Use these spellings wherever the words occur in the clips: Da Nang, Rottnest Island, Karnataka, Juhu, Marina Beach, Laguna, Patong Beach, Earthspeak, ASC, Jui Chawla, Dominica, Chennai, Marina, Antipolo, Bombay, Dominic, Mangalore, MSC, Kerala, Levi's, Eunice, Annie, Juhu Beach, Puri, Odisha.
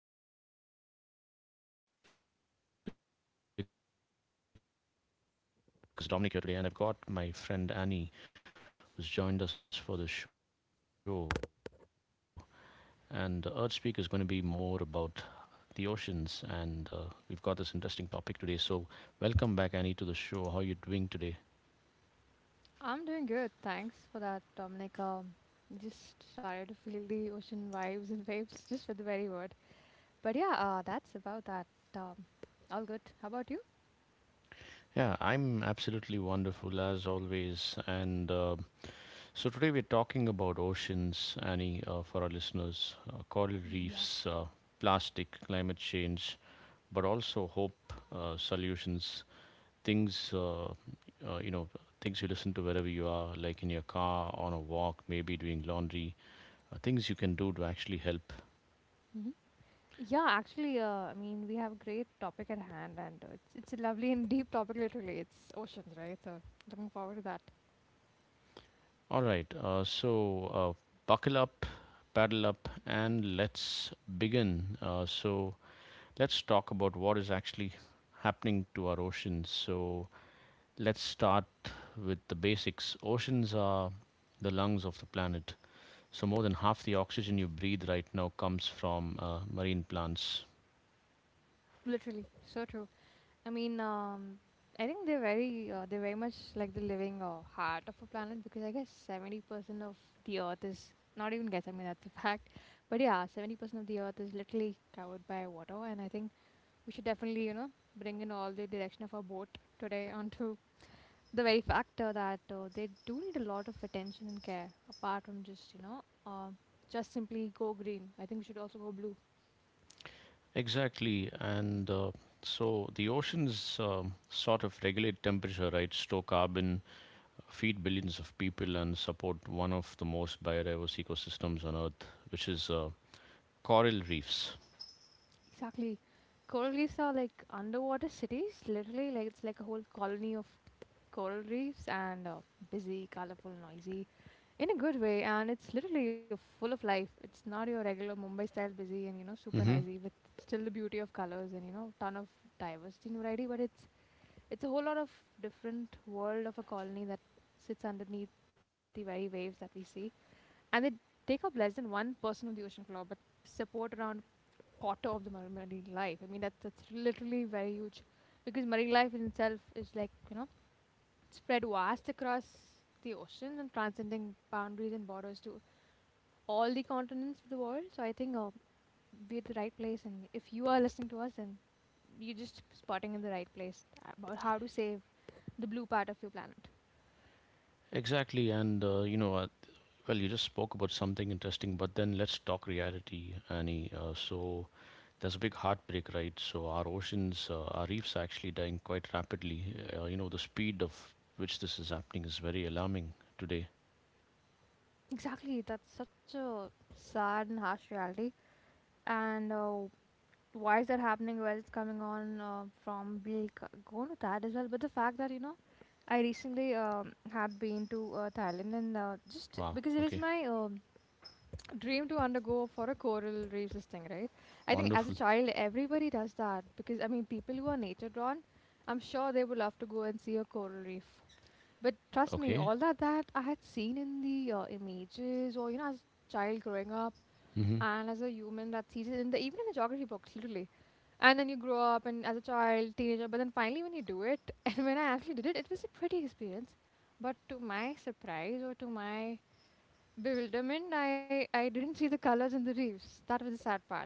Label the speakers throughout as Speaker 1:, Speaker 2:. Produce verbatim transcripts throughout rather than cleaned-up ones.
Speaker 1: it's a close friend because honestly, and uh, this is Dominic here today, and I've got my friend Annie who's joined us for the show. And uh, Earthspeak is going to be more about the oceans, and uh, we've got this interesting topic today. So, welcome back, Annie, to the show. How are you doing today?
Speaker 2: I'm doing good. Thanks for that, Dominic. Um, just started to feel the ocean vibes and waves just with the very word. But yeah, uh, that's about that. Um, all good. How about you?
Speaker 1: Yeah, I'm absolutely wonderful as always. And uh, so today we're talking about oceans, Annie, uh, for our listeners, uh, coral
Speaker 2: Yup.
Speaker 1: reefs, uh, plastic, climate change, but also hope, uh, solutions, things, uh, uh, you know, things you listen to wherever you are, like in your car, on a walk, maybe doing laundry, uh, things you can do to actually help.
Speaker 2: Hmm. Yeah, actually, uh, I mean, we have a great topic at hand, and uh, it's it's a lovely and deep topic. Literally, it's oceans, right? So looking forward to that.
Speaker 1: All right, uh, so uh, buckle up, paddle up, and let's begin. Uh, so let's talk about what is actually happening to our oceans. So let's start with the basics. Oceans are the lungs of the planet. So more than half the oxygen you breathe right now comes from uh, marine plants.
Speaker 2: Literally, so true. I mean, um, I think they're very uh, they're very much like the living uh, heart of a planet because I guess seventy percent of the Earth is not even guess. I mean, that's a fact. But yeah, seventy percent of the Earth is literally covered by water, and I think we should definitely you know bring in all the direction of our boat today onto the very factor that uh, they do need a lot of attention and care apart from just you know um just simply go green. I think we should also go blue.
Speaker 1: Exactly, and uh, so the oceans um, sort of regulate temperature, right? Store carbon, feed billions of people, and support one of the most biodiverse ecosystems on Earth, which is uh, coral reefs.
Speaker 2: Exactly. Coral reefs are like underwater cities, literally, like it's like a whole colony of coral reefs and uh, busy, colorful, noisy in a good way. And it's literally uh, full of life. It's not your regular Mumbai style busy and you know super
Speaker 1: Hmm.
Speaker 2: noisy with still the beauty of colors and you know ton of diversity and variety. But it's it's a whole lot of different world of a colony that sits underneath the very waves that we see, and they take up less than one percent of the ocean floor, but support around quarter of the mar- marine life. I mean, that, that's literally very huge because marine life in itself is like, you know, spread vast across the oceans and transcending boundaries and borders to all the continents of the world. So I think uh, we're at the right place. And if you are listening to us, then you're just spotting in the right place about how to save the blue part of your planet.
Speaker 1: Exactly, and uh, you know, uh, Well, you just spoke about something interesting, but then let's talk reality, Annie. Uh, so there's a big heartbreak, right? So our oceans, uh, our reefs are actually dying quite rapidly. Uh, you know, the speed of which this is happening is very alarming today.
Speaker 2: Exactly. That's such a sad and harsh reality. And uh, why is that happening, where it's coming on uh, from, we'll c- go into that as well. But the fact that, you know, I recently um, had been to uh, thailand and uh, just
Speaker 1: Wow.
Speaker 2: because it is
Speaker 1: Okay.
Speaker 2: my um dream to undergo for a coral reefs this thing, right? I think as a
Speaker 1: Wonderful.
Speaker 2: child everybody does that because I mean people who are nature drawn, I'm sure they would love to go and see a coral reef. But trust me,
Speaker 1: Okay.
Speaker 2: all that that I had seen in the uh, images or, you know, as a child growing up,
Speaker 1: Mm-hmm.
Speaker 2: and as a human that sees it in the even in the geography books literally, and then you grow up and as a child, teenager, but then finally when you do it, and when I actually did it, it was a pretty experience. But to my surprise or to my bewilderment, I, I didn't see the colors in the reefs. That was the sad part.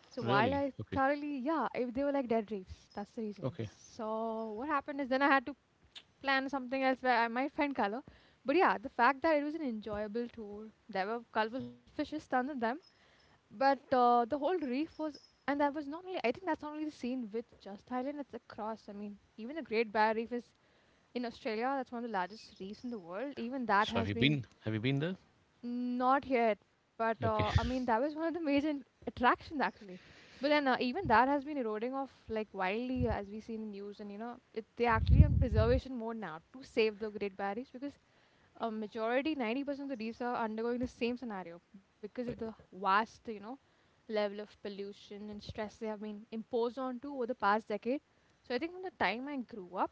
Speaker 2: So while
Speaker 1: Really?
Speaker 2: I
Speaker 1: Okay.
Speaker 2: thoroughly, yeah, if they were like dead reefs, that's the reason.
Speaker 1: Okay.
Speaker 2: So what happened is then I had to plan something else where I might find color. But yeah, the fact that it was an enjoyable tour, there were colorful fishes, tons of them, but uh, the whole reef was, and that was not only, I think that's not only the scene with just Thailand, it's across. I mean, even the Great Barrier Reef is in Australia, that's one of the largest reefs in the world. Even that
Speaker 1: So have
Speaker 2: has
Speaker 1: you
Speaker 2: been.
Speaker 1: been? Have you been there?
Speaker 2: Not yet, but uh, I
Speaker 1: Okay.
Speaker 2: mean, that was one of the major attractions actually. But then uh, even that has been eroding off like wildly uh, as we see in the news, and you know, it, they're actually on preservation mode now to save the Great Barriers because a majority, ninety percent of the reefs are undergoing the same scenario because of the vast, you know, level of pollution and stress they have been imposed onto over the past decade. So I think from the time I grew up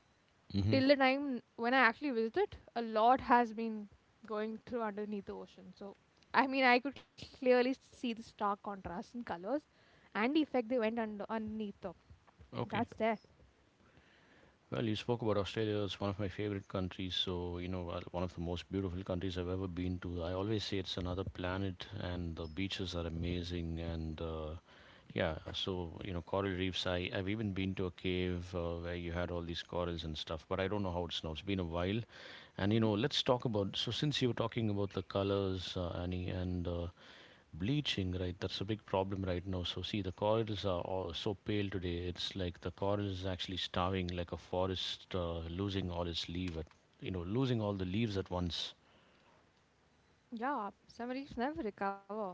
Speaker 1: Mm-hmm.
Speaker 2: till the time when I actually visited, a lot has been going through underneath the ocean. So I mean, I could clearly see the stark contrast in colors and the effect they went under underneath. Though.
Speaker 1: Okay.
Speaker 2: That's there.
Speaker 1: Well, you spoke about Australia. It's one of my favorite countries. So, you know, uh, one of the most beautiful countries I've ever been to. I always say it's another planet, and the beaches are amazing. And uh, yeah, so, you know, coral reefs. I, I've even been to a cave uh, where you had all these corals and stuff, but I don't know how it's now. It's been a while. And, you
Speaker 2: Mhm.
Speaker 1: know, let's talk about. So, since you were talking about the colors, uh, Annie. And uh, Bleaching, right? That's a big problem right now. So see, the corals are all so pale today. It's like the coral is actually starving, like a forest uh, losing all its leaf at, you know, losing all the leaves at once.
Speaker 2: Yeah, submarines never recover.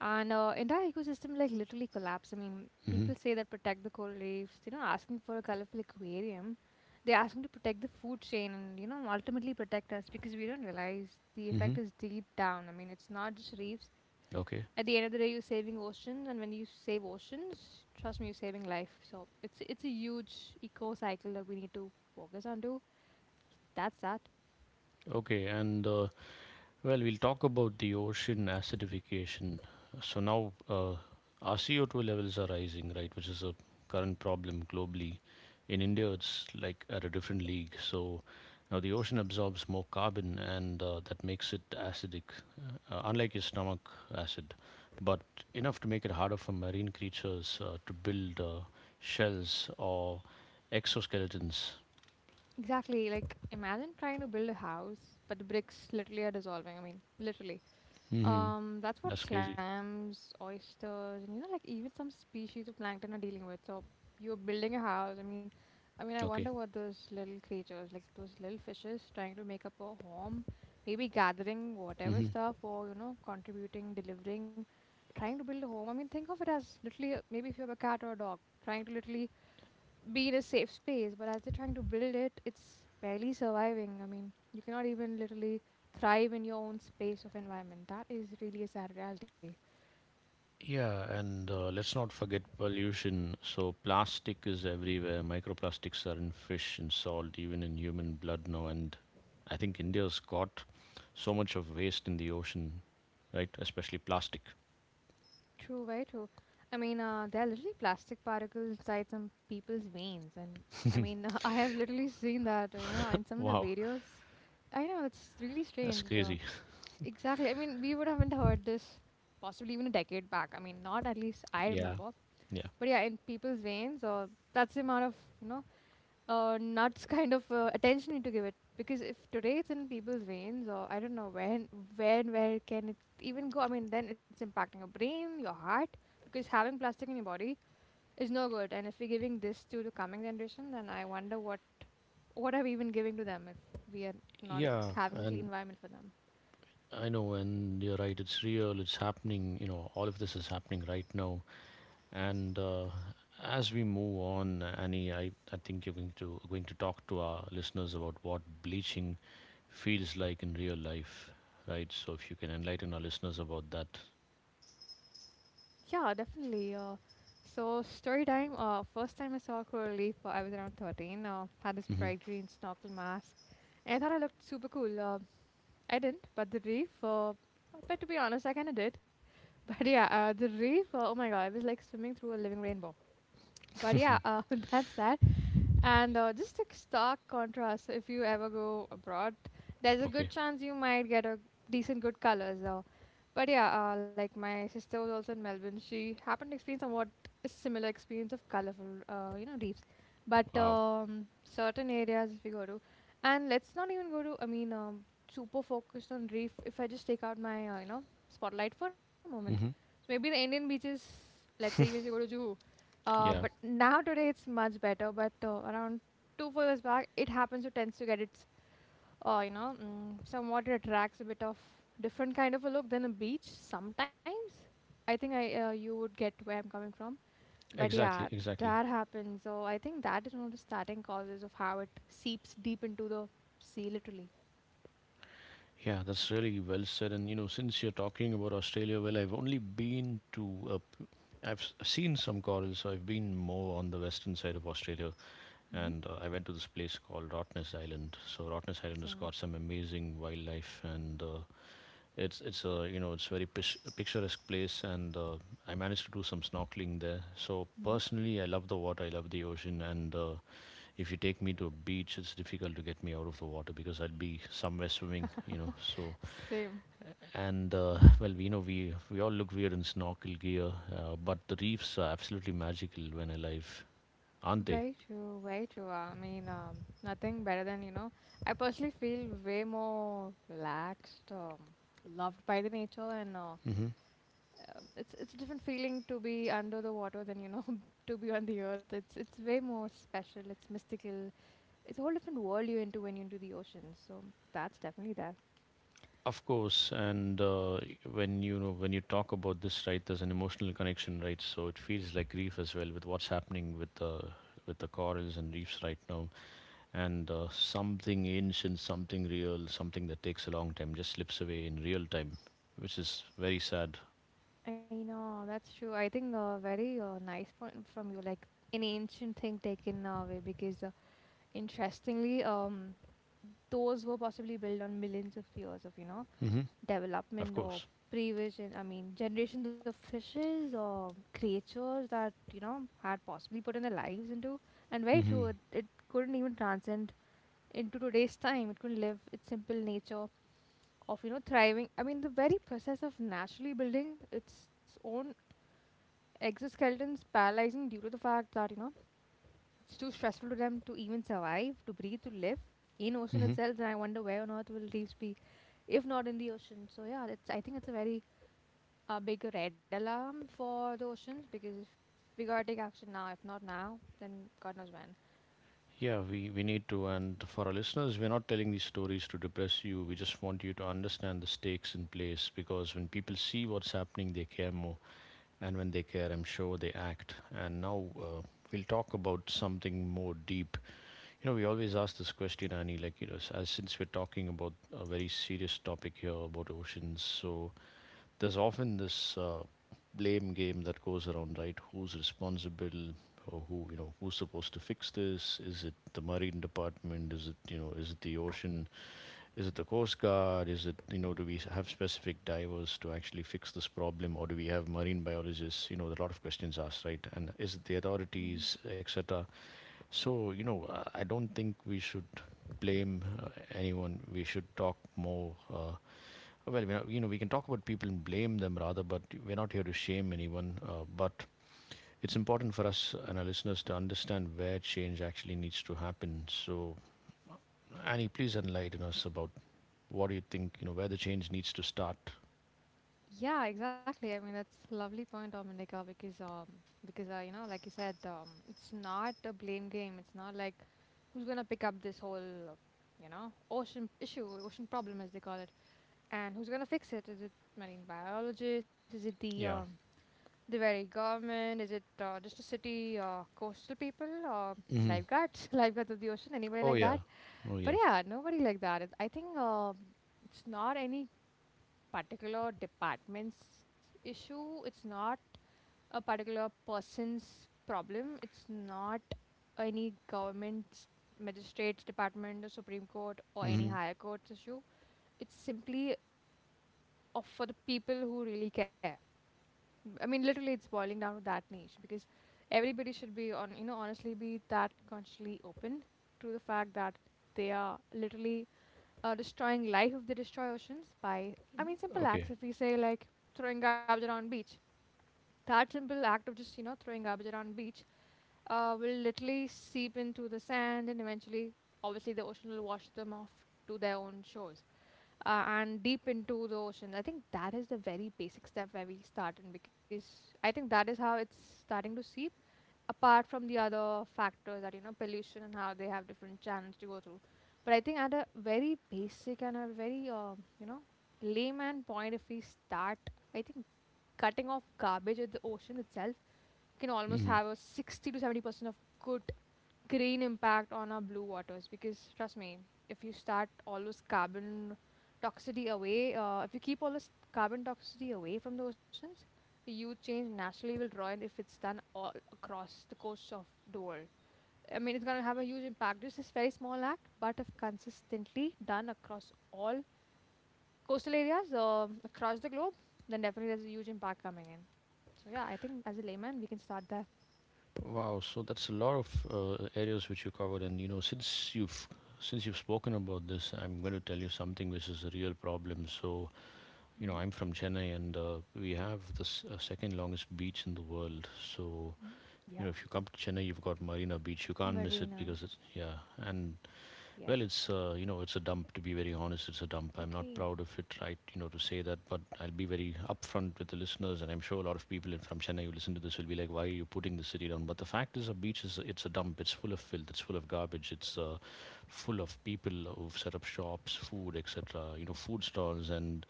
Speaker 2: And uh, entire ecosystem like literally collapse. I mean,
Speaker 1: Mm-hmm.
Speaker 2: people say that protect the coral reefs. They're not asking for a colorful aquarium. They're asking to protect the food chain and you know ultimately protect us because we don't realize the
Speaker 1: Mm-hmm.
Speaker 2: effect is deep down. I mean, it's not just reefs.
Speaker 1: Okay.
Speaker 2: At the end of the day, you're saving oceans, and when you save oceans, trust me, you're saving life. So it's it's a huge eco cycle that we need to focus on. To that's that.
Speaker 1: Okay. And uh, well, we'll talk about the ocean acidification. So now uh, our C O two levels are rising, right, which is a current problem globally. In India, it's like at a different league. So now the ocean absorbs more carbon and uh, that makes it acidic, uh, uh, unlike your stomach acid, but enough to make it harder for marine creatures uh, to build uh, shells or exoskeletons.
Speaker 2: Exactly. Like imagine trying to build a house, but the bricks literally are dissolving. I mean, literally.
Speaker 1: Hmm.
Speaker 2: Um, that's what
Speaker 1: That's crazy.
Speaker 2: clams, oysters, and, you know, like even some species of plankton are dealing with. So you're building a house. I mean, I mean, I wonder
Speaker 1: Okay.
Speaker 2: what those little creatures, like those little fishes, trying to make up a home, maybe gathering whatever
Speaker 1: Hmm.
Speaker 2: stuff, or, you know, contributing, delivering, trying to build a home. I mean, think of it as literally, uh, maybe if you have a cat or a dog, trying to literally be a safe space, but as they're trying to build it, it's barely surviving. I mean, you cannot even literally thrive in your own space of environment. That is really a sad reality.
Speaker 1: Yeah, and uh, let's not forget pollution. So, plastic is everywhere. Microplastics are in fish, in salt, even in human blood now. And I think India's got so much of waste in the ocean, right? Especially plastic.
Speaker 2: True, very true. I mean, uh, there are literally plastic particles inside some people's veins, and I mean, I have literally seen that, you know, in some of the
Speaker 1: Wow,
Speaker 2: videos. I know it's really
Speaker 1: that's
Speaker 2: strange. Uh,
Speaker 1: crazy.
Speaker 2: exactly. I mean, we would haven't heard this possibly even a decade back. I mean, not at least I remember.
Speaker 1: Yeah, yeah,
Speaker 2: But yeah, in people's veins, or that's the amount of, you know uh, nuts kind of uh, attention we need to give it. Because if today it's in people's veins or I don't know when, when where can it even go? I mean, then it's impacting your brain, your heart, because having plastic in your body is no good. And if we're giving this to the coming generation, then I wonder what what are we even giving to them if we are not
Speaker 1: yeah.
Speaker 2: having a clean
Speaker 1: And
Speaker 2: environment for them.
Speaker 1: I know, and you're right. It's real. It's happening. You know, all of this is happening right now. And uh, as we move on, Annie, I, I think you're going to going to talk to our listeners about what bleaching feels like in real life, right? So if you can enlighten our listeners about that.
Speaker 2: Yeah, definitely. Uh, so story time. Uh, first time I saw a coral reef, uh, I was around thirteen, uh, had this
Speaker 1: Hmm.
Speaker 2: bright green snorkel mask and I thought I looked super cool. Uh, I didn't, but the reef, uh, but to be honest, I kind of did. But yeah, uh, the reef, uh, oh my god, I was like swimming through a living rainbow. But yeah, uh, that's that. And uh, just a stark contrast, if you ever go abroad, there's a good
Speaker 1: Okay.
Speaker 2: chance you might get a decent good colors. Uh, but yeah, uh, like my sister was also in Melbourne. She happened to experience somewhat a similar experience of colorful, uh, you know, reefs. But
Speaker 1: Wow.
Speaker 2: um, certain areas, if you go to, and let's not even go to, I mean, um, super focused on reef. If I just take out my, uh, you know, spotlight for a moment. So
Speaker 1: Hmm.
Speaker 2: maybe the Indian beaches, let's say even if you go to Juhu, uh, but
Speaker 1: Yeah.
Speaker 2: now today it's much better. But uh, around two four years back, it happens to tends to get its uh, you know mm, somewhat it attracts a bit of different kind of a look than a beach sometimes. I think I uh, you would get where I'm coming from. But
Speaker 1: Exactly.
Speaker 2: yeah,
Speaker 1: Exactly.
Speaker 2: that happens. So I think that is one of the starting causes of how it seeps deep into the sea, literally.
Speaker 1: Yeah, that's really well said. And you know, since you're talking about Australia, well, I've only been to, uh, p- I've s- seen some corals, so I've been more on the western side of Australia,
Speaker 2: Hmm.
Speaker 1: and uh, I went to this place called Rottnest Island. So Rottnest Island has
Speaker 2: Awesome.
Speaker 1: got some amazing wildlife, and uh, it's it's a you know it's very pish- picturesque place, and uh, I managed to do some snorkeling there. So
Speaker 2: Hmm.
Speaker 1: personally, I love the water, I love the ocean, and uh, if you take me to a beach, it's difficult to get me out of the water because I'd be somewhere swimming, you know. So
Speaker 2: Same.
Speaker 1: and uh, well, we know we we all look weird in snorkel gear, uh, but the reefs are absolutely magical when alive, aren't they?
Speaker 2: Very true, very true. I mean, um, nothing better than, you know, I personally feel way more relaxed, um, loved by the nature, and uh, um,
Speaker 1: Hmm.
Speaker 2: it's it's a different feeling to be under the water than, you know, to be on the earth. It's it's way more special. It's mystical. It's a whole different world you're into when you're into the ocean. So that's definitely there.
Speaker 1: Of course, and uh, when you know when you talk about this, right, there's an emotional connection, right? So it feels like grief as well with what's happening with the with the corals and reefs right now, and uh, something ancient, something real, something that takes a long time just slips away in real time, which is very sad.
Speaker 2: I know that's true. I think a very uh, nice point from you, like an ancient thing taken away because. uh, Interestingly, um, those were possibly built on millions of years of you know
Speaker 1: Mm-hmm. Of
Speaker 2: development or
Speaker 1: course.
Speaker 2: prevision. I mean generations of fishes or creatures that you know had possibly put in their lives into. And very
Speaker 1: Mm-hmm.
Speaker 2: true, it, it couldn't even transcend into today's time. It couldn't live its simple nature of you know thriving. I mean the very process of naturally building its own exoskeletons, paralyzing due to the fact that you know it's too stressful to them to even survive, to breathe, to live in ocean
Speaker 1: Mm-hmm.
Speaker 2: itself. And I wonder where on earth will reefs be, if not in the ocean. So yeah, that's I think it's a very uh, big red alarm for the oceans because if we gotta take action now. If not now, then God knows when.
Speaker 1: Yeah, we, we need to. And for our listeners, we're not telling these stories to depress you. We just want you to understand the stakes in place because when people see what's happening, they care more. And when they care, I'm sure they act. And now uh, we'll talk about something more deep. You know, we always ask this question, Annie, like, you know, s- as since we're talking about a very serious topic here about oceans. So there's often this uh, blame game that goes around, right? Who's responsible? Or who you know who's supposed to fix this? Is it the marine department? Is it, you know is it the ocean? Is it the Coast Guard? Is it, you know, do we have specific divers to actually fix this problem, or do we have marine biologists? You know, there are a lot of questions asked, right? And is it the
Speaker 2: Hmm.
Speaker 1: authorities, et cetera? So, you know, uh, I don't think we should blame uh, anyone. We should talk more. Uh, well, we're not, you know, we can talk about people and blame them rather, but we're not here to shame anyone. Uh, but it's important for us and our listeners to understand where change actually needs to happen. So, Annie, please enlighten us about what do you think? You know, where the change needs to start?
Speaker 2: Yeah, exactly. I mean, that's a lovely point, Dominica, because um, because uh, you know, like you said, um, it's not a blame game. It's not like who's gonna pick up this whole, uh, you know, ocean issue, ocean problem as they call it. And who's gonna fix it? Is it marine biologists? Is it the um,
Speaker 1: Yeah.
Speaker 2: the very government? Is it uh, just a city uh, coastal people or
Speaker 1: Mm-hmm.
Speaker 2: lifeguards, lifeguards of the ocean? Anybody
Speaker 1: Oh
Speaker 2: like
Speaker 1: yeah.
Speaker 2: that?
Speaker 1: Oh
Speaker 2: But
Speaker 1: yeah.
Speaker 2: yeah, nobody like that. It- I think uh, it's not any particular department's issue. It's not a particular person's problem. It's not any government's magistrate's department or Supreme Court or any
Speaker 1: Mm-hmm.
Speaker 2: higher court's issue. It's simply of for the people who really care. I mean, literally, it's boiling down to that niche because everybody should be on, you know, honestly, be that consciously open to the fact that they are literally uh, destroying life if they destroy oceans by, I mean, simple
Speaker 1: Okay.
Speaker 2: acts. If we say like throwing garbage around beach, that simple act of just you know throwing garbage around beach uh, will literally seep into the sand and eventually, obviously, the ocean will wash them off to their own shores uh, and deep into the ocean. I think that is the very basic step where we start in because I think that is how it's starting to seep. Apart from the other factors that you know pollution and how they have different channels to go through, but I think at a very basic and a very uh, you know layman point, if we start, I think cutting off garbage at the ocean itself can almost
Speaker 1: Mm-hmm.
Speaker 2: have a sixty to seventy percent of good green impact on our blue waters because trust me, if you start all those carbon toxicity away uh, if you keep all this carbon toxicity away from the oceans, the huge change naturally will draw in if it's done all across the coasts of the world. I mean, it's going to have a huge impact. This is very small act, but if consistently done across all coastal areas um across the globe, then definitely there's a huge impact coming in. So yeah, I think as a layman we can start there.
Speaker 1: Wow. So that's a lot of uh, areas which you covered, and you know, since you've since you've spoken about this, I'm going to tell you something which is a real problem. So, you know,
Speaker 2: Mm-hmm.
Speaker 1: I'm from Chennai, and uh, we have the s- uh, second longest beach in the world. So,
Speaker 2: Yeah.
Speaker 1: you know, if you come to Chennai, you've got Marina Beach. You can't miss it
Speaker 2: Marina,
Speaker 1: because it's yeah, and
Speaker 2: yes.
Speaker 1: well, it's uh, you know, it's a dump. To be very honest, it's a dump. I'm not
Speaker 2: Okay.
Speaker 1: proud of it, right? You know, to say that, but I'll be very upfront with the listeners, and I'm sure a lot of people in- from Chennai who listen to this will be like, "Why are you putting the city down?" But the fact is, a beach is it's a dump. It's full of filth. It's full of garbage. It's uh, full of people who've set up shops, food, et cetera. You know, food stalls, and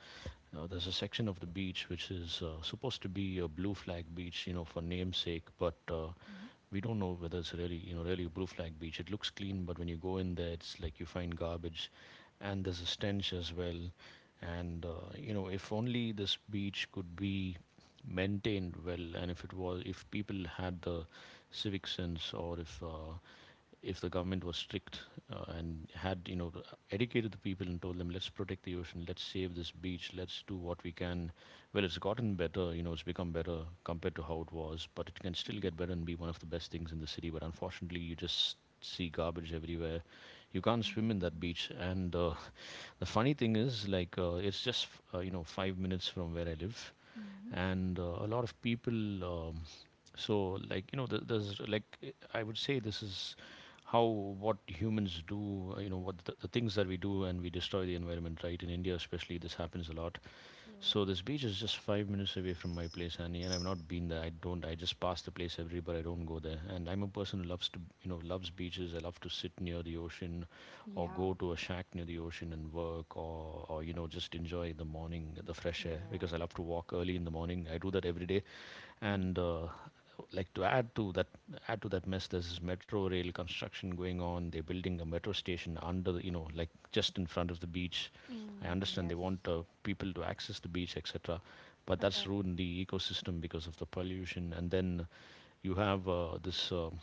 Speaker 1: uh, there's a section of the beach which is uh, supposed to be a blue flag beach, you know, for namesake, but uh,
Speaker 2: Mhm.
Speaker 1: we don't know whether it's really you know really a blue flag beach. It looks clean, but when you go in there, it's like you find garbage, and there's a stench as well. And uh, you know, if only this beach could be maintained well, and if it was, if people had the civic sense, or if uh, if the government was strict uh, and had you know educated the people and told them, let's protect the ocean, let's save this beach, let's do what we can. Well, it's gotten better. You know, it's become better compared to how it was, but it can
Speaker 2: Mhm.
Speaker 1: still get better and be one of the best things in the city. But unfortunately, you just see garbage everywhere. You can't swim in that
Speaker 2: Mhm.
Speaker 1: beach, and uh, the funny thing is, like, uh, it's just uh, you know five minutes from where I live,
Speaker 2: Mhm.
Speaker 1: and uh, a lot of people, um, so like, you know th- there's like, eh, I would say this is how, what humans do, uh, you know, what the, the things that we do, and we destroy the environment, right? In India, especially, this happens a lot.
Speaker 2: True.
Speaker 1: So this beach is just five minutes away from my place, Annie, and I've not been there. I don't. I just pass the place every, but I don't go there. And I'm a person who loves to, you know, loves beaches. I love to sit near the ocean, or
Speaker 2: Yeah.
Speaker 1: go to a shack near the ocean and work, or, or you know, just enjoy the morning, the fresh air. Because I
Speaker 2: Yeah.
Speaker 1: love to walk early in the morning. I do that every day,
Speaker 2: Mhm.
Speaker 1: and uh, like to add to that add to that mess. There's this metro rail construction going on. They're building a metro station under the, you know like just in front of the beach. I
Speaker 2: Mm,
Speaker 1: understand
Speaker 2: yes.
Speaker 1: they want uh, people to access the beach, etc. But
Speaker 2: Okay.
Speaker 1: that's ruined the ecosystem because of the pollution. And then you have uh, this um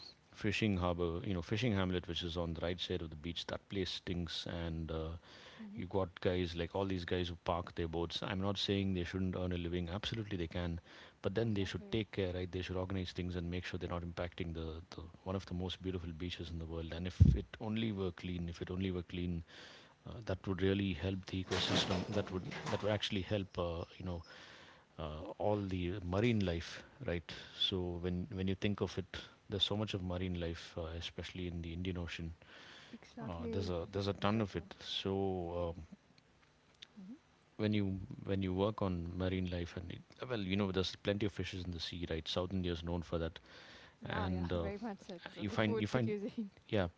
Speaker 1: fishing harbor, you know fishing hamlet, which is on the right side of the beach. That place stinks, and uh,
Speaker 2: Mhm.
Speaker 1: you got guys like all these guys who park their boats. I'm not saying they shouldn't earn a living. Absolutely, they can, but then they
Speaker 2: Exactly.
Speaker 1: should take care, right? They should organize things and make sure they're not impacting the, the one of the most beautiful beaches in the world. And if it only were clean, if it only were clean, uh, that would really help the ecosystem. That would that would actually help, uh, you know, uh, all the marine life, right? So when when you think of it, there's so much of marine life, uh, especially in the Indian Ocean. Uh,
Speaker 2: Exactly.
Speaker 1: there's a there's a
Speaker 2: So
Speaker 1: ton of
Speaker 2: true.
Speaker 1: it. So um,
Speaker 2: Mhm.
Speaker 1: when you when you work on marine life and it, well, you know there's plenty of fishes in the sea, right? South India is known for that.
Speaker 2: Yeah. Yeah.
Speaker 1: And uh,
Speaker 2: Very much. It's uh,
Speaker 1: you
Speaker 2: the
Speaker 1: find
Speaker 2: food,
Speaker 1: you
Speaker 2: the
Speaker 1: find.
Speaker 2: cuisine.
Speaker 1: Yeah.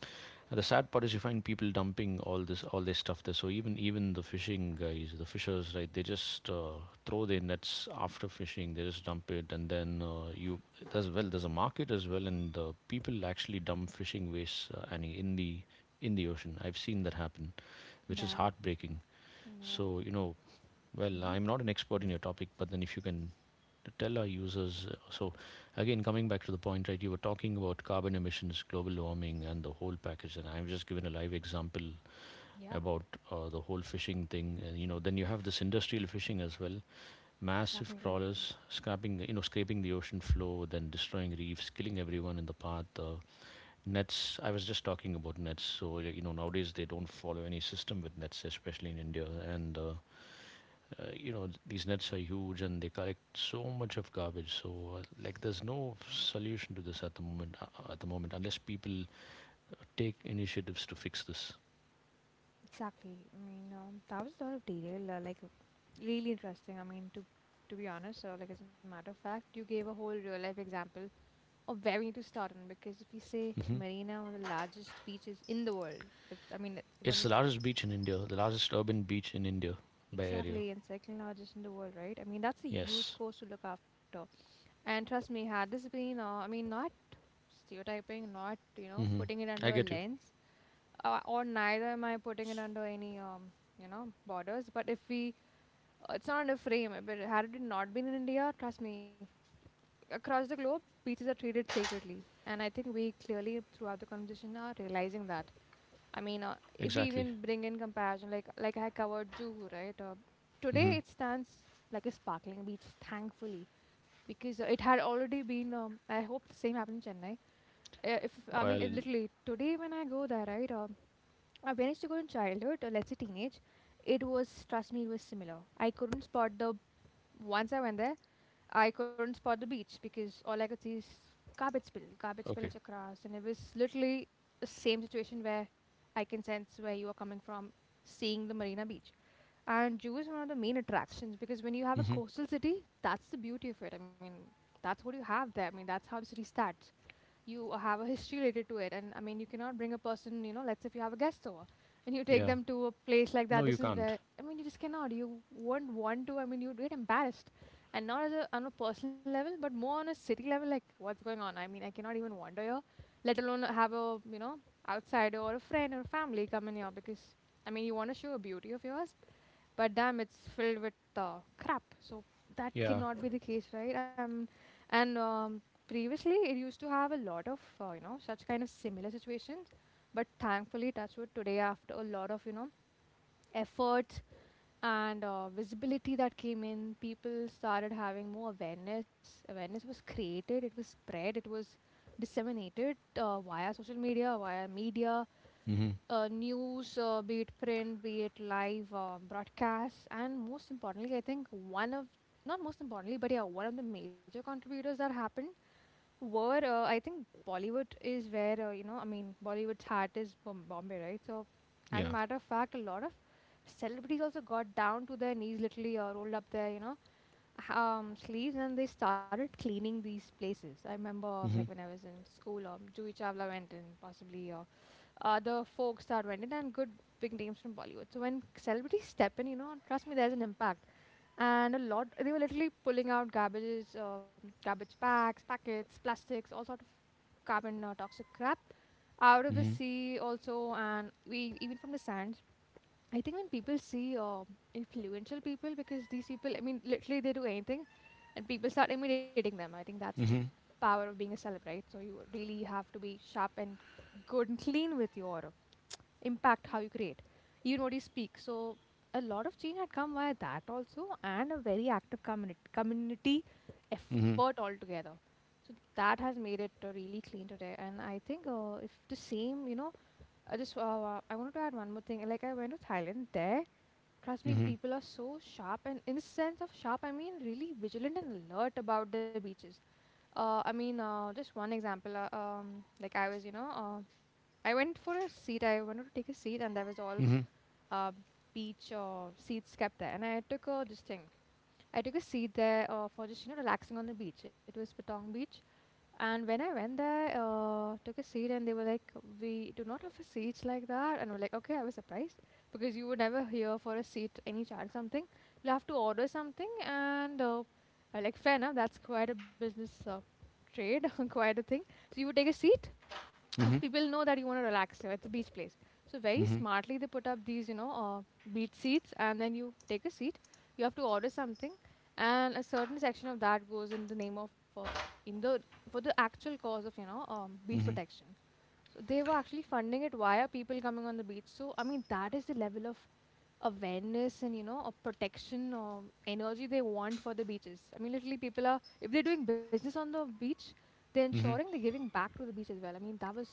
Speaker 1: And the sad part is, you find people dumping all this all this stuff there. So even even the fishing guys, the fishers, right? They just uh, throw their nets after fishing. They just dump it. And then uh, you as well, there's a market as well. And uh, people actually dump fishing waste, uh, Annie, in the in the ocean. I've seen that happen, which is
Speaker 2: Damn.
Speaker 1: heartbreaking.
Speaker 2: Yeah.
Speaker 1: so you know well,
Speaker 2: Mhm.
Speaker 1: I'm not an expert in your topic, but then if you can tell our users, uh, so again, coming back to the point, right, you were talking about carbon emissions, global warming, and the whole package. And I've just given a live example
Speaker 2: Yeah.
Speaker 1: about uh, the whole fishing thing. And, you know, then you have this industrial fishing as well, massive
Speaker 2: Exactly.
Speaker 1: trawlers scraping, you know, scraping the ocean floor, then destroying reefs, killing everyone in the path. Uh, nets, I was just talking about nets. So, you know, nowadays they don't follow any system with nets, especially in India. And uh, uh, you know these nets are huge, and they collect so much of garbage. So, uh, like, there's no solution to this at the moment, uh, uh, at the moment, unless people take initiatives to fix this.
Speaker 2: Exactly. I mean, um, that was a lot of detail. Uh, like, really interesting. I mean, to to be honest, so like as a matter of fact, you gave a whole real life example or where we need to start on because if we say
Speaker 1: Hmm.
Speaker 2: Marina, one of the largest beaches in the world, if I mean it's the one
Speaker 1: It's the
Speaker 2: that's
Speaker 1: largest beach in India, the largest urban beach in India, by area.
Speaker 2: exactly. And second largest in the world, right? I mean that's a huge
Speaker 1: Yes.
Speaker 2: coast to look after. And trust me, had this been uh, I mean not stereotyping, not you know
Speaker 1: Hmm.
Speaker 2: putting it
Speaker 1: I
Speaker 2: under a
Speaker 1: get you.
Speaker 2: lens, uh, or neither am I putting it under any um you know borders. But if we uh, it's not under frame but had it not been in India, trust me, across the globe beaches are treated sacredly. And I think we clearly throughout the conversation are realizing that. I mean, uh, if we
Speaker 1: Exactly.
Speaker 2: even bring in comparison, like like I covered Juhu, right? Uh, today
Speaker 1: Hmm.
Speaker 2: it stands like a sparkling beach, thankfully, because uh, it had already been. Um, I hope the same happened in Chennai. Uh, if I mean, it
Speaker 1: Well,
Speaker 2: literally today when I go there, right? Uh, uh, when I used to go in childhood, or let's say teenage, it was trust me, it was similar. I couldn't spot the Once I went there, I couldn't spot the beach because all I could see is garbage spill, garbage
Speaker 1: okay.
Speaker 2: spillage across, and it was literally the same situation where I can sense where you are coming from, seeing the Marina Beach. And Jew is one of the main attractions because when you have a
Speaker 1: Hmm.
Speaker 2: coastal city, that's the beauty of it. I mean, that's what you have there. I mean, that's how the city starts. You have a history related to it. And I mean you cannot bring a person, you know let's say if you have a guest over and you take
Speaker 1: Yeah,
Speaker 2: them to a place like
Speaker 1: no,
Speaker 2: that.
Speaker 1: you
Speaker 2: This is
Speaker 1: can't.
Speaker 2: where I mean you just cannot, you won't want to. I mean you'd get embarrassed. And not as a on a personal level but more on a city level, like what's going on. I mean I cannot even wander here, let alone have a you know outsider or a friend or a family come in here because I mean you want to show a beauty of yours, but damn it's filled with uh, crap. So that
Speaker 1: Yeah.
Speaker 2: cannot be the case, right? Um, and um, previously it used to have a lot of uh, you know such kind of similar situations, but thankfully that's what today after a lot of you know effort and uh, visibility that came in, people started having more awareness. Awareness was created, it was spread, it was disseminated uh, via social media, via media
Speaker 1: Hmm.
Speaker 2: uh, news, uh, be it print, be it live uh, broadcasts, and most importantly, I think one of not most importantly, but yeah, one of the major contributors that happened were uh, I think Bollywood is where uh, you know I mean Bollywood's heart is Bom- Bombay, right? So as a
Speaker 1: Yeah.
Speaker 2: matter of fact, a lot of celebrities also got down to their knees, literally uh, rolled up their you know h- um, sleeves, and they started cleaning these places. I remember like
Speaker 1: Hmm.
Speaker 2: when I was in school, um, Jui Chawla went and possibly. Uh, other folk star vendors and good big names from Bollywood. So when celebrities step in, you know, trust me, there's an impact. And a lot, they were literally pulling out garbages, um, garbage bags, packets, plastics, all sort of carbon uh, toxic crap out of the
Speaker 1: Hmm.
Speaker 2: sea also, and we even from the sands. I think when people see uh, influential people, because these people, I mean, literally they do anything, and people start imitating them. I think that's the
Speaker 1: Hmm.
Speaker 2: power of being a celeb, right? So you really have to be sharp and good and clean with your impact how you create, even what you speak. So a lot of change had come via that also, and a very active community community effort
Speaker 1: Hmm.
Speaker 2: altogether. So that has made it uh, really clean today, and I think uh, if the same, you know, I just uh, uh, I wanted to add one more thing. Like I went to Thailand there. Trust me, the
Speaker 1: Hmm.
Speaker 2: people are so sharp, and in the sense of sharp, I mean really vigilant and alert about their beaches. Uh, I mean, uh, just one example. Uh, um, like I was, you know, uh, I went for a seat. I wanted to take a seat, and there was all
Speaker 1: Hmm.
Speaker 2: uh, beach or seats kept there, and I took a this thing. I took a seat there uh, for just you know relaxing on the beach. It was Patong Beach, and when I went there, uh, took a seat, and they were like, "We do not offer seats like that," and I was like, "Okay," I was surprised because you would never hear for a seat any charge something. You have to order something, and uh, I was like fair enough, that's quite a business uh, trade, quite a thing. So you would take a seat, because
Speaker 1: Hmm.
Speaker 2: people know that you want to relax there. It's a beach place. So very smartly they put up these, you know, uh, beach seats, and then you take a seat. You have to order something, and a certain section of that goes in the name of uh, in the for the actual cause of you know um, beach
Speaker 1: Hmm.
Speaker 2: protection. So they were actually funding it via people coming on the beach. So I mean that is the level of awareness and you know a protection or energy they want for the beaches. I mean, literally, people are if they're doing business on the beach, they're ensuring
Speaker 1: Hmm.
Speaker 2: they're giving back to the beach as well. I mean, that was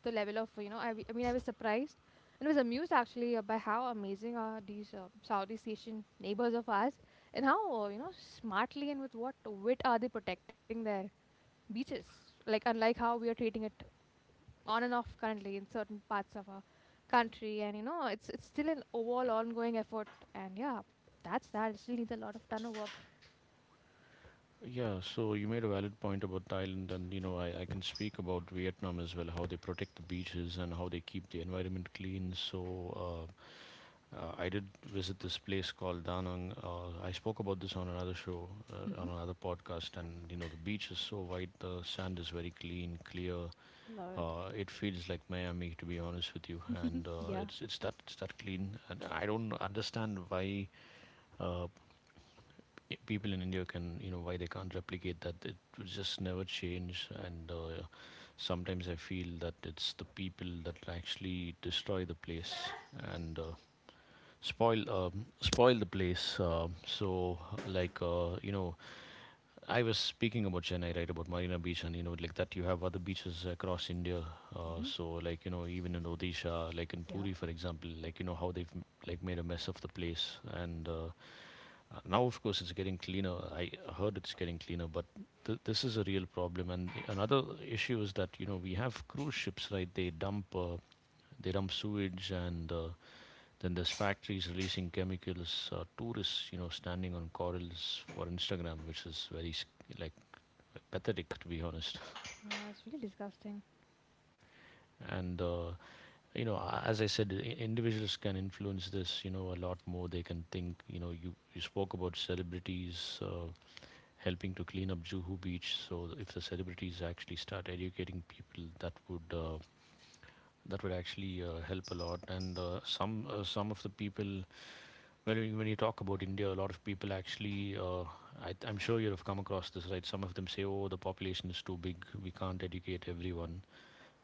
Speaker 2: the level of you know. I, w- I mean, I was surprised and was amused actually uh, by how amazing are these uh, Southeast Asian neighbors of ours, and how uh, you know smartly and with what wit are they protecting their beaches. Like unlike how we are treating it on and off currently in certain parts of our country. And you know it's it's still an overall ongoing effort, and yeah, that's that it still needs a lot of ton of work.
Speaker 1: Yeah, so you made a valid point about Thailand. And, you know, I, I can speak about Vietnam as well, how they protect the beaches and how they keep the environment clean. So, uh, uh, I did visit this place called Da Nang. Uh, I spoke about this on another show, uh,
Speaker 2: Mm-hmm.
Speaker 1: on another podcast. And, you know, the beach is so white, the sand is very clean, clear.
Speaker 2: Lord.
Speaker 1: Uh, it feels like Miami, to be honest with you. And uh,
Speaker 2: Yeah.
Speaker 1: it's it's that it's that clean. And I don't understand why uh, people in India can, you know, why they can't replicate that. It was just never change. And uh, sometimes I feel that it's the people that actually destroy the place, and uh, spoil um, spoil the place. Uh, so, like, uh, you know, I was speaking about Chennai, right, about Marina Beach. And, you know, like that, you have other beaches across India. Uh,
Speaker 2: Mm-hmm.
Speaker 1: so, like, you know, even in Odisha, like in
Speaker 2: Yeah.
Speaker 1: Puri, for example, like you know how they've like made a mess of the place. And uh, uh, now, of course, it's getting cleaner. I heard it's getting cleaner, but th- this is a real problem. And another issue is that you know we have cruise ships, right? They dump uh, they dump sewage. And uh, then there's factories releasing chemicals. Uh, tourists, you know, standing on corals for Instagram, which is very sc- like pathetic, to be honest.
Speaker 2: Yeah, it's really disgusting.
Speaker 1: And uh, you know a- as I said, i- individuals can influence this, you know a lot more they can think. you know you, you spoke about celebrities uh, helping to clean up Juhu Beach. So th- if the celebrities actually start educating people, that would uh, that would actually uh, help a lot. And uh, some uh, some of the people, when you, when you talk about India, a lot of people actually uh, I, I'm sure you have come across this, right? Some of them say, oh, the population is too big, we can't educate everyone.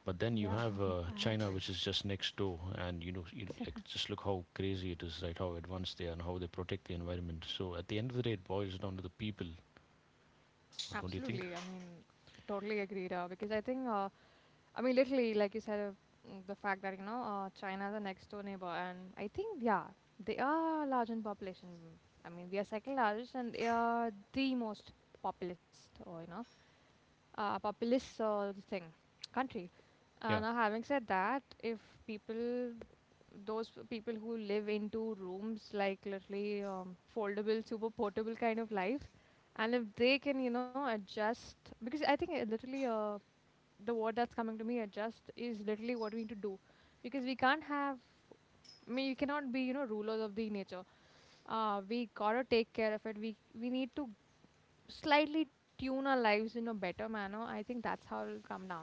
Speaker 1: But then you
Speaker 2: Yeah,
Speaker 1: have uh,
Speaker 2: I have
Speaker 1: China,
Speaker 2: heard.
Speaker 1: which is just next door. And, you know, you, like, just look how crazy it is, right? How advanced they are and how they protect the environment. So at the end of the day, it boils down to the people, don't you
Speaker 2: Absolutely,
Speaker 1: think?
Speaker 2: I mean, totally agreed. Uh, because I think, uh, I mean, literally, like you said, uh, mm, the fact that you know, uh, China is a next door neighbor, and I think, yeah, they are large in population. I mean, we are second largest and they are the most populist, or you know, uh, populous, uh, this thing country. Uh,
Speaker 1: Yeah.
Speaker 2: now, having said that, if people, those people who live into rooms like literally um, foldable, super portable kind of life, and if they can, you know, adjust, because I think uh, literally uh, the word that's coming to me, adjust, is literally what we need to do, because we can't have, I mean, we cannot be, you know, rulers of the nature. Uh, we gotta take care of it. We we need to slightly tune our lives in a better manner. I think that's how it'll come down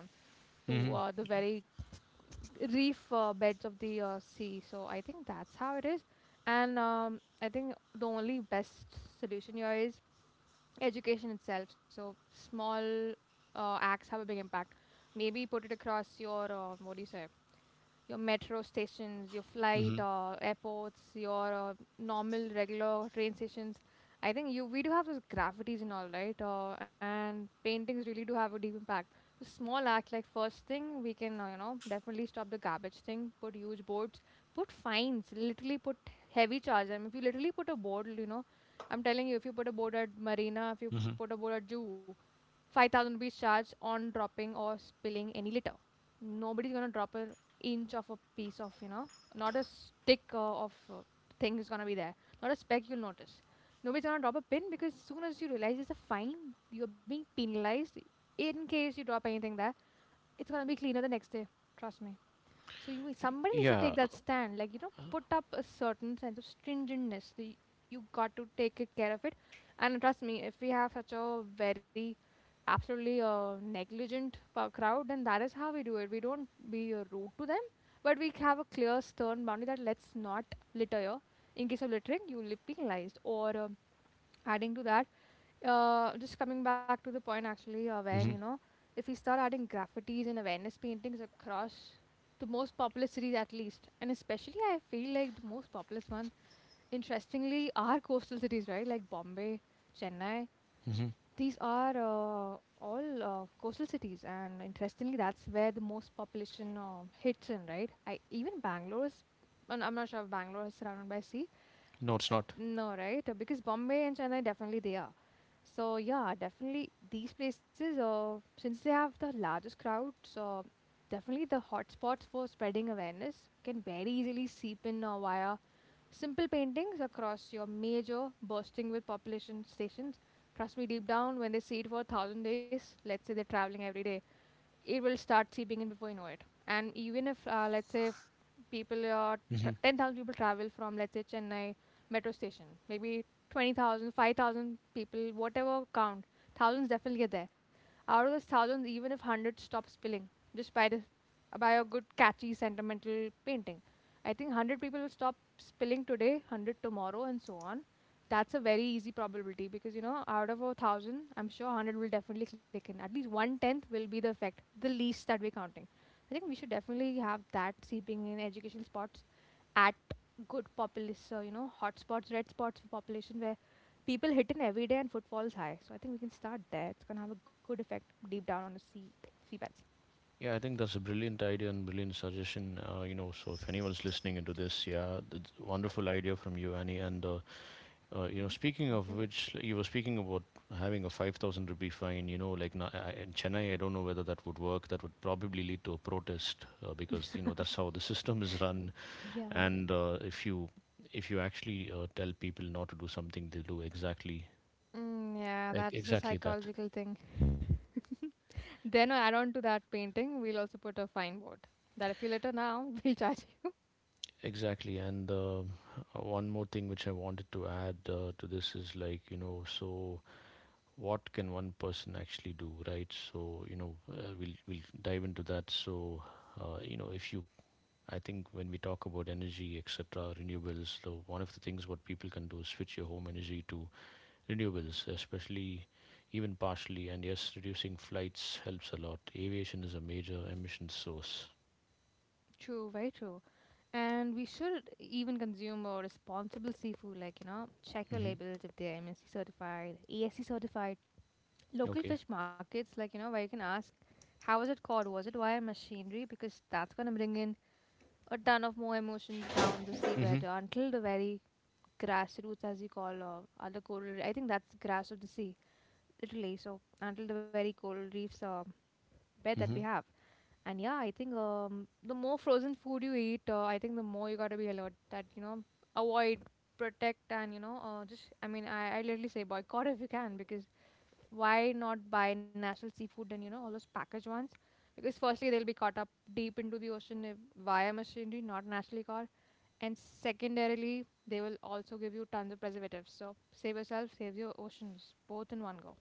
Speaker 2: to
Speaker 1: Hmm.
Speaker 2: uh, the very reef uh, beds of the uh, sea. So I think that's how it is. And um, I think the only best solution here is education itself. So small uh, acts have a big impact. Maybe put it across your, uh, what do you say, your metro stations, your flight
Speaker 1: Hmm.
Speaker 2: or airports, your uh, normal regular train stations. I think you we do have those graffitis and all right, uh, and paintings really do have a deep impact. So small act, like first thing we can uh, you know definitely stop the garbage thing. Put huge boards, put fines, literally put heavy charges. I mean, if you literally put a board, you know, I'm telling you, if you put a board at Marina, if you put a board at Zoo, five thousand rupees charge on dropping or spilling any litter. Nobody's gonna drop an inch of a piece of, you know, not a stick uh, of uh, thing is gonna be there. Not a speck you'll notice. Nobody's gonna drop a pin because as soon as you realize it's a fine, you're being penalized in case you drop anything there. It's gonna be cleaner the next day. Trust me. So you somebody needs to
Speaker 1: Yeah.
Speaker 2: take that stand, like you know, put up a certain sense of stringentness. The, you got to take it care of it, and trust me, if we have such a very absolutely uh, negligent pa- crowd, then that is how we do it. We don't be uh, rude to them, but we have a clear, stern boundary that let's not litter here. In case of littering, you will be penalized. Or um adding to that, uh, just coming back to the point actually uh, when you
Speaker 1: Hmm.
Speaker 2: know, if we start adding graffitis and awareness paintings across the most populous cities, at least, and especially I feel like the most populous one, interestingly, are coastal cities, right? Like Bombay, Chennai,
Speaker 1: Hmm.
Speaker 2: these are uh, all uh, coastal cities, and interestingly, that's where the most population uh, hits in, right? I even Bangalore is, and I'm not sure if Bangalore is surrounded by sea.
Speaker 1: No, it's not.
Speaker 2: No, right? Uh, because Bombay and Chennai definitely they are. So yeah, definitely these places. Uh, since they have the largest crowds, uh, definitely the hotspots for spreading awareness can very easily seep in uh, via simple paintings across your major bursting with population stations. Trust me, deep down, when they see it for a thousand days, let's say they're traveling every day, it will start seeping in before you know it. And even if, uh, let's say, if people are tr
Speaker 1: Hmm.
Speaker 2: ten thousand people travel from, let's say, Chennai metro station, maybe twenty thousand, five thousand people, whatever count, thousands definitely get there. Out of those thousands, even if one hundred stop spilling just by the by a good catchy sentimental painting, I think one hundred people will stop spilling today, one hundred tomorrow, and so on. That's a very easy probability because you know, out of a thousand, I'm sure one hundred will definitely click in. At least one tenth will be the effect, the least that we're counting. I think we should definitely have that seeping in educational spots at good populous, so you know, hot spots, red spots for population where people hit in every day and footfall's high. So I think we can start there. It's going to have a good effect deep down on the sea, seabeds.
Speaker 1: Yeah, I think that's a brilliant idea and brilliant suggestion. Uh, you know, so if anyone's listening into this, yeah, it's a wonderful idea from you, Annie. And uh, Uh, you know,
Speaker 2: Mhm.
Speaker 1: speaking
Speaker 2: Thank
Speaker 1: of
Speaker 2: you.
Speaker 1: which, you were speaking about having a five thousand rupee fine. You know, like na- I- in Chennai, I don't know whether that would work. That would probably lead to a protest uh, because you know that's how the system is run.
Speaker 2: Yeah.
Speaker 1: And uh, if you if you actually uh, tell people not to do something, they'll do exactly
Speaker 2: Mm, yeah,
Speaker 1: e-
Speaker 2: that is a
Speaker 1: exactly that.
Speaker 2: psychological thing. Then, uh, add on to that painting, we'll also put a fine board that if you litter now, we'll charge you.
Speaker 1: Exactly. And uh, one more thing which I wanted to add uh, to this is, like, you know so what can one person actually do, right? So, you know uh, we'll we'll dive into that. So, uh, you know if you I think when we talk about energy, etc., renewables, so one of the things what people can do is switch your home energy to renewables, especially, even partially. And yes, reducing flights helps a lot. Aviation is a major emission source.
Speaker 2: True, very true. And we should even consume a responsible seafood, like, you know, check your
Speaker 1: Hmm.
Speaker 2: labels if they're M S C certified, A S C certified. Local
Speaker 1: Okay.
Speaker 2: fish markets, like, you know, where you can ask, how was it caught? Was it via machinery? Because that's going to bring in a ton of more emotions down the
Speaker 1: Hmm.
Speaker 2: seabed until the very grassroots, as you call, uh, other coral. I think that's grass of the sea, literally. So until the very coral reefs are bed that we
Speaker 1: Hmm.
Speaker 2: have. And yeah, I think um, the more frozen food you eat, uh, I think the more you gotta be alert that, you know, avoid, protect, and, you know, uh, just, I mean, I, I literally say boycott if you can, because why not buy natural seafood and, you know, all those packaged ones? Because firstly, they'll be caught up deep into the ocean if, via machinery, not naturally caught. And secondarily, they will also give you tons of preservatives. So save yourself, save your oceans, both in one go.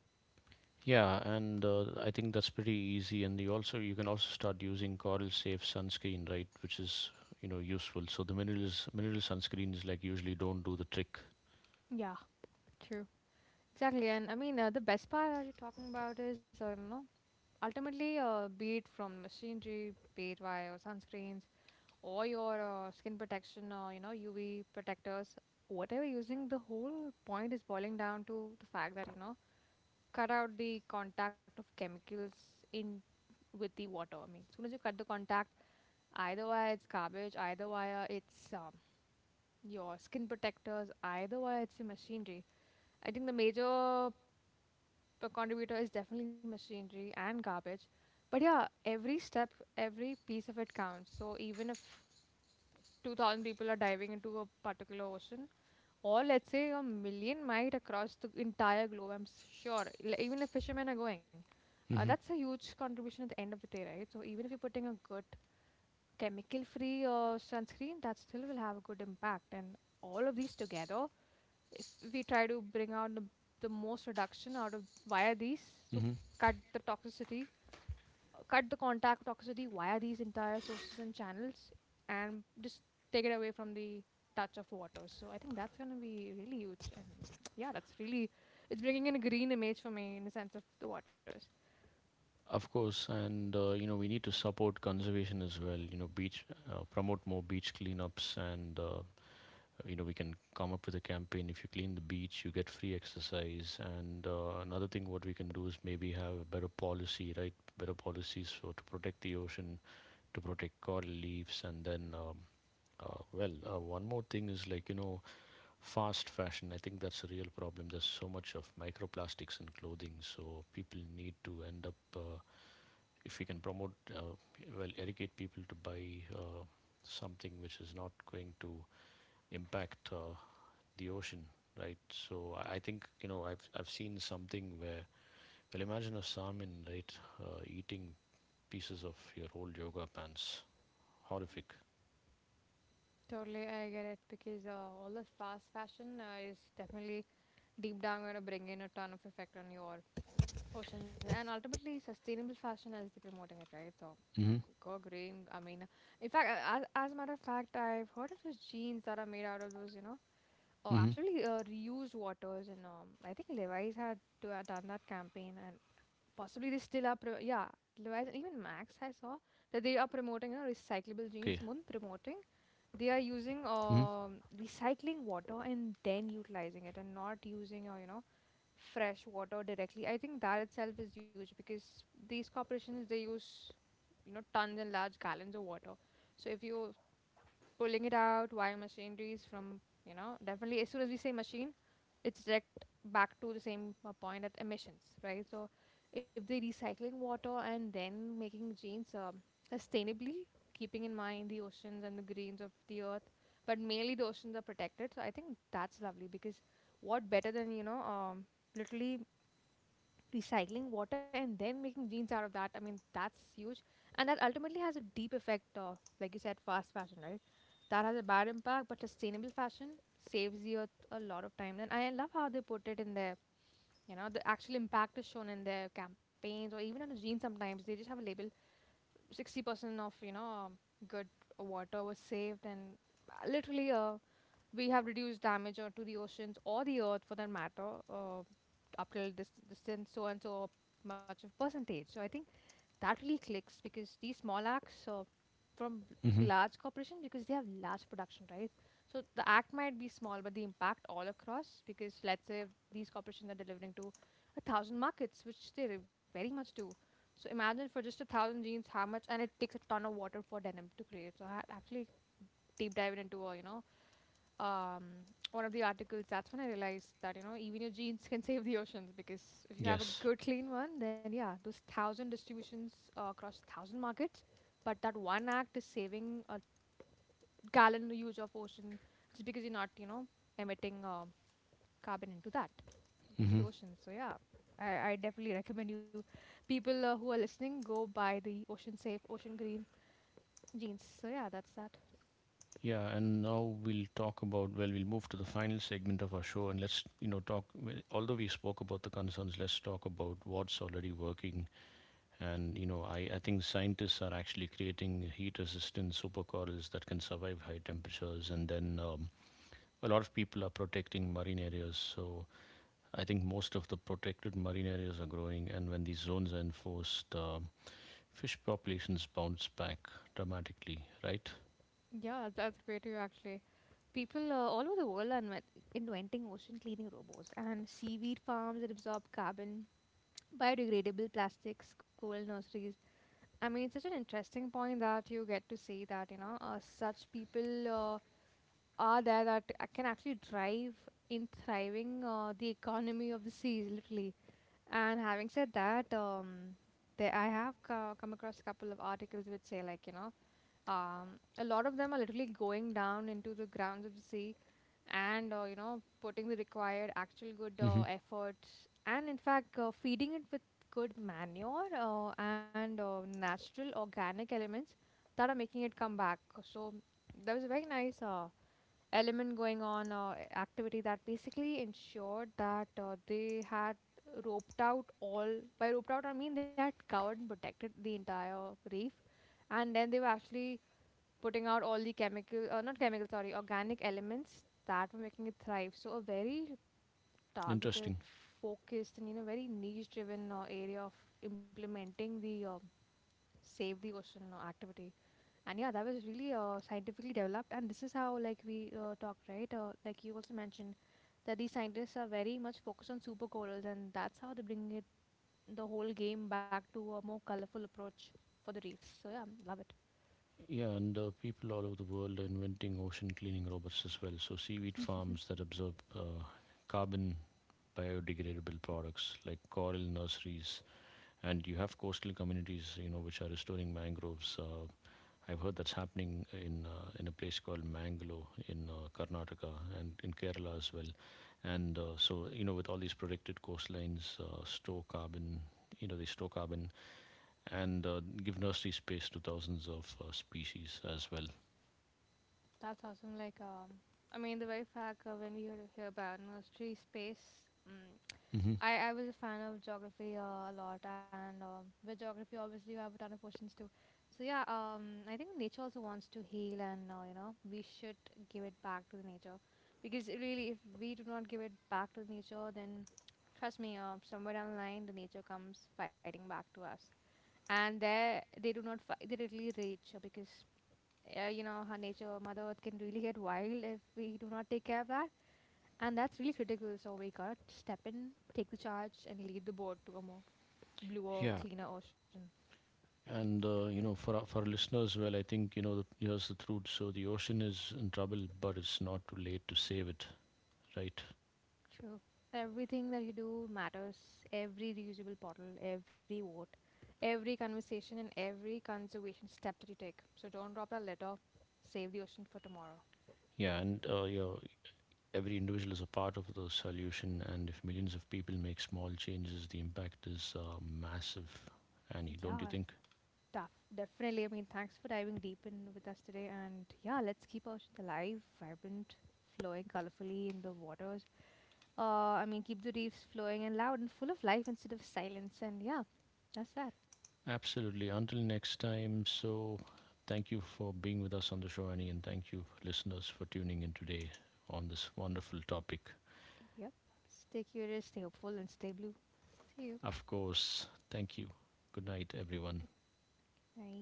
Speaker 1: Yeah, and uh, I think that's pretty easy. And you also you can also start using coral safe sunscreen, right? Which is you know useful. So the minerals mineral sunscreens like usually don't do the trick.
Speaker 2: Yeah. True. Exactly, and I mean, uh, the best part that you're talking about is uh, you know, ultimately, uh, be it from machinery, be it via your sunscreens or your uh, skin protection, or you know, U V protectors, whatever you're using, the whole point is boiling down to the fact that you know, cut out the contact of chemicals in with the water. I mean, as soon as you cut the contact, either via it's garbage, either via it's um, your skin protectors, either via it's your machinery. I think the major per contributor is definitely machinery and garbage. But yeah, every step, every piece of it counts. So even if two thousand people are diving into a particular ocean, or let's say a million might across the entire globe, I'm s- sure, l- even if fishermen are going, uh,
Speaker 1: Hmm.
Speaker 2: that's a huge contribution at the end of the day, right? So even if you're putting a good chemical free uh, sunscreen, that still will have a good impact. And all of these together, if we try to bring out the, the most reduction out of via these, so
Speaker 1: Hmm.
Speaker 2: cut the toxicity, uh, cut the contact toxicity via these entire sources and channels, and just take it away from the touch of water. So I think that's going to be really huge, and yeah, that's really, it's bringing in a green image for me in the sense of the waters.
Speaker 1: Of course. And uh, you know we need to support conservation as well. You know, beach uh, promote more beach cleanups. And uh, you know we can come up with a campaign. If you clean the beach, you get free exercise. And uh, another thing, what we can do is maybe have a better policy, right? Better policies for to protect the ocean, to protect coral leaves. And then um, uh, well, uh, one more thing is, like, you know fast fashion, I think that's a real problem. There's so much of microplastics in clothing, so people need to end up uh, if we can promote uh, well, educate people to buy uh, something which is not going to impact uh, the ocean, right? So I think, you know i've i've seen something where, well, imagine a salmon, right? uh, eating pieces of your old yoga pants. Horrific.
Speaker 2: Totally, I get it, because uh, all this fast fashion uh, is definitely deep down going to bring in a ton of effect on your oceans, and ultimately sustainable fashion as they're promoting it, right? So
Speaker 1: Mm-hmm.
Speaker 2: Gogrim. I mean, in fact, uh, as, as a matter of fact, I've heard of those jeans that are made out of those, you know, oh,
Speaker 1: Mm-hmm.
Speaker 2: absolutely uh, reused waters. And um, I think Levi's had to, uh, done that campaign, and possibly they still are. Pro- yeah, Levi's and even Max. I saw that they are
Speaker 1: Levi's.
Speaker 2: promoting, you know,
Speaker 1: Okay.
Speaker 2: recyclable jeans. More than promoting, they are using
Speaker 1: Mm-hmm.
Speaker 2: um recycling water and then utilizing it, and not using, uh, you know, fresh water directly. I think that itself is huge because these corporations they use you know tons and large gallons of water. So if you're pulling it out via machineries from, you know, definitely as soon as we say machine, it's direct back to the same uh, point at emissions, right? So if they're recycling water and then making jeans um, sustainably, keeping in mind the oceans and the greens of the earth, but mainly the oceans are protected. So I think that's lovely because what better than you know um, literally recycling water and then making jeans out of that? I mean, that's huge. And that ultimately has a deep effect, uh, like you said, fast fashion, right? That has a bad impact, but sustainable fashion saves the earth a lot of time. And I love how they put it in their, you know, the actual impact is shown in their campaigns, or even on the jeans sometimes they just have a label. sixty percent of you know um, good water was saved, and literally, uh, we have reduced damage or to the oceans or the earth for that matter, uh, up till this distance so and so much of percentage. So I think that really clicks because these small acts, uh, from
Speaker 1: Mm-hmm.
Speaker 2: large corporations, because they have large production, right? So the act might be small, but the impact all across, because let's say these corporations are delivering to a thousand markets, which they very much do. So imagine for just a thousand jeans how much, and it takes a ton of water for denim to create. So I had actually deep diving into uh, you know, um, one of the articles, that's when I realized that, you know, even your jeans can save the oceans because if you have a
Speaker 1: Yes.
Speaker 2: good clean one, then yeah, those thousand distributions uh, across thousand markets, but that one act is saving a gallon huge of ocean just because you're not, you know, emitting um carbon into that, into
Speaker 1: Mm-hmm.
Speaker 2: the ocean. So yeah, I, I definitely recommend you, people uh, who are listening, go buy the ocean safe, ocean green jeans. So yeah, that's that.
Speaker 1: Yeah, and now we'll talk about, well, we'll move to the final segment of our show. And let's, you know, talk. Well, although we spoke about the concerns, let's talk about what's already working. And, you know, I, I think scientists are actually creating heat resistant supercorals that can survive high temperatures. And then um, a lot of people are protecting marine areas. So I think most of the protected marine areas are growing. And when these zones are enforced, um fish populations bounce back dramatically, right?
Speaker 2: Yeah, that's great to you actually. People uh, all over the world are inven- inventing ocean cleaning robots, and seaweed farms that absorb carbon, biodegradable plastics, coral nurseries. I mean, it's such an interesting point that you get to see that, you know, uh, such people uh, are there that a- can actually drive in thriving uh, the economy of the seas, literally. And having said that, um, there, I have co- come across a couple of articles which say, like, you know, um, a lot of them are literally going down into the grounds of the sea and uh, you know putting the required actual good uh,
Speaker 1: Hmm.
Speaker 2: efforts, and in fact uh, feeding it with good manure, uh, and uh, natural organic elements that are making it come back. So there was a very nice uh, element going on, uh, activity that basically ensured that uh, they had roped out all. By roped out I mean they had covered and protected the entire reef, and then they were actually putting out all the chemical, uh, not chemical, sorry, organic elements that were making it thrive. So a very targeted,
Speaker 1: Interesting.
Speaker 2: focused, and you know, very niche-driven uh, area of implementing the uh, save the ocean uh, activity. And yeah, that was really uh, scientifically developed. And this is how, like we uh, talked, right? Uh, like you also mentioned that these scientists are very much focused on super corals, and that's how they bring it, the whole game back to a more colorful approach for the reefs. So yeah, love it.
Speaker 1: Yeah, and uh, people all over the world are inventing ocean cleaning robots as well. So, seaweed farms that absorb uh, carbon, biodegradable products like coral nurseries, and you have coastal communities, you know, which are restoring mangroves. Uh, I've heard that's happening in uh, in a place called Mangalore in uh, Karnataka and in Kerala as well. And uh, so you know, with all these protected coastlines, uh, store carbon. You know, they store carbon and uh, give nursery space to thousands of uh, species as well.
Speaker 2: That's awesome. Like, um, I mean, the very fact uh, when we hear, hear about, you know, history, space, mm,
Speaker 1: Hmm.
Speaker 2: I, I was a fan of geography uh, a lot, and um, with geography, obviously, you have a ton of questions too. So yeah, um, I think nature also wants to heal, and uh, you know, we should give it back to the nature, because it really, if we do not give it back to the nature, then trust me, uh, somewhere down the line, the nature comes fighting back to us, and there they do not fight; they really rage, uh, because uh, you know, her nature, Mother Earth can really get wild if we do not take care of that. And that's really critical. So we gotta step in, take the charge, and lead the boat to a more bluer,
Speaker 1: Yeah.
Speaker 2: cleaner ocean.
Speaker 1: And uh, you know, for our, for our listeners, well, I think you know the, here's the truth. So the ocean is in trouble, but it's not too late to save it, right?
Speaker 2: True. Everything that you do matters. Every reusable bottle, every vote, every conversation, and every conservation step that you take. So don't drop that litter. Save the ocean for tomorrow.
Speaker 1: Yeah, and uh, yeah, every individual is a part of the solution. And if millions of people make small changes, the impact is uh, massive. Annie,
Speaker 2: Yeah.
Speaker 1: don't you think?
Speaker 2: Tough, definitely. I mean, thanks for diving deep in with us today. And yeah, let's keep oceans alive, vibrant, flowing colorfully in the waters. Uh, I mean, keep the reefs flowing and loud and full of life instead of silence. And yeah, that's that.
Speaker 1: Absolutely. Until next time. So thank you for being with us on the show, Annie, and thank you listeners for tuning in today on this wonderful topic.
Speaker 2: Yep. Stay curious, stay hopeful, and stay blue. See you.
Speaker 1: Of course, thank you. Good night,
Speaker 2: Good
Speaker 1: everyone.
Speaker 2: night.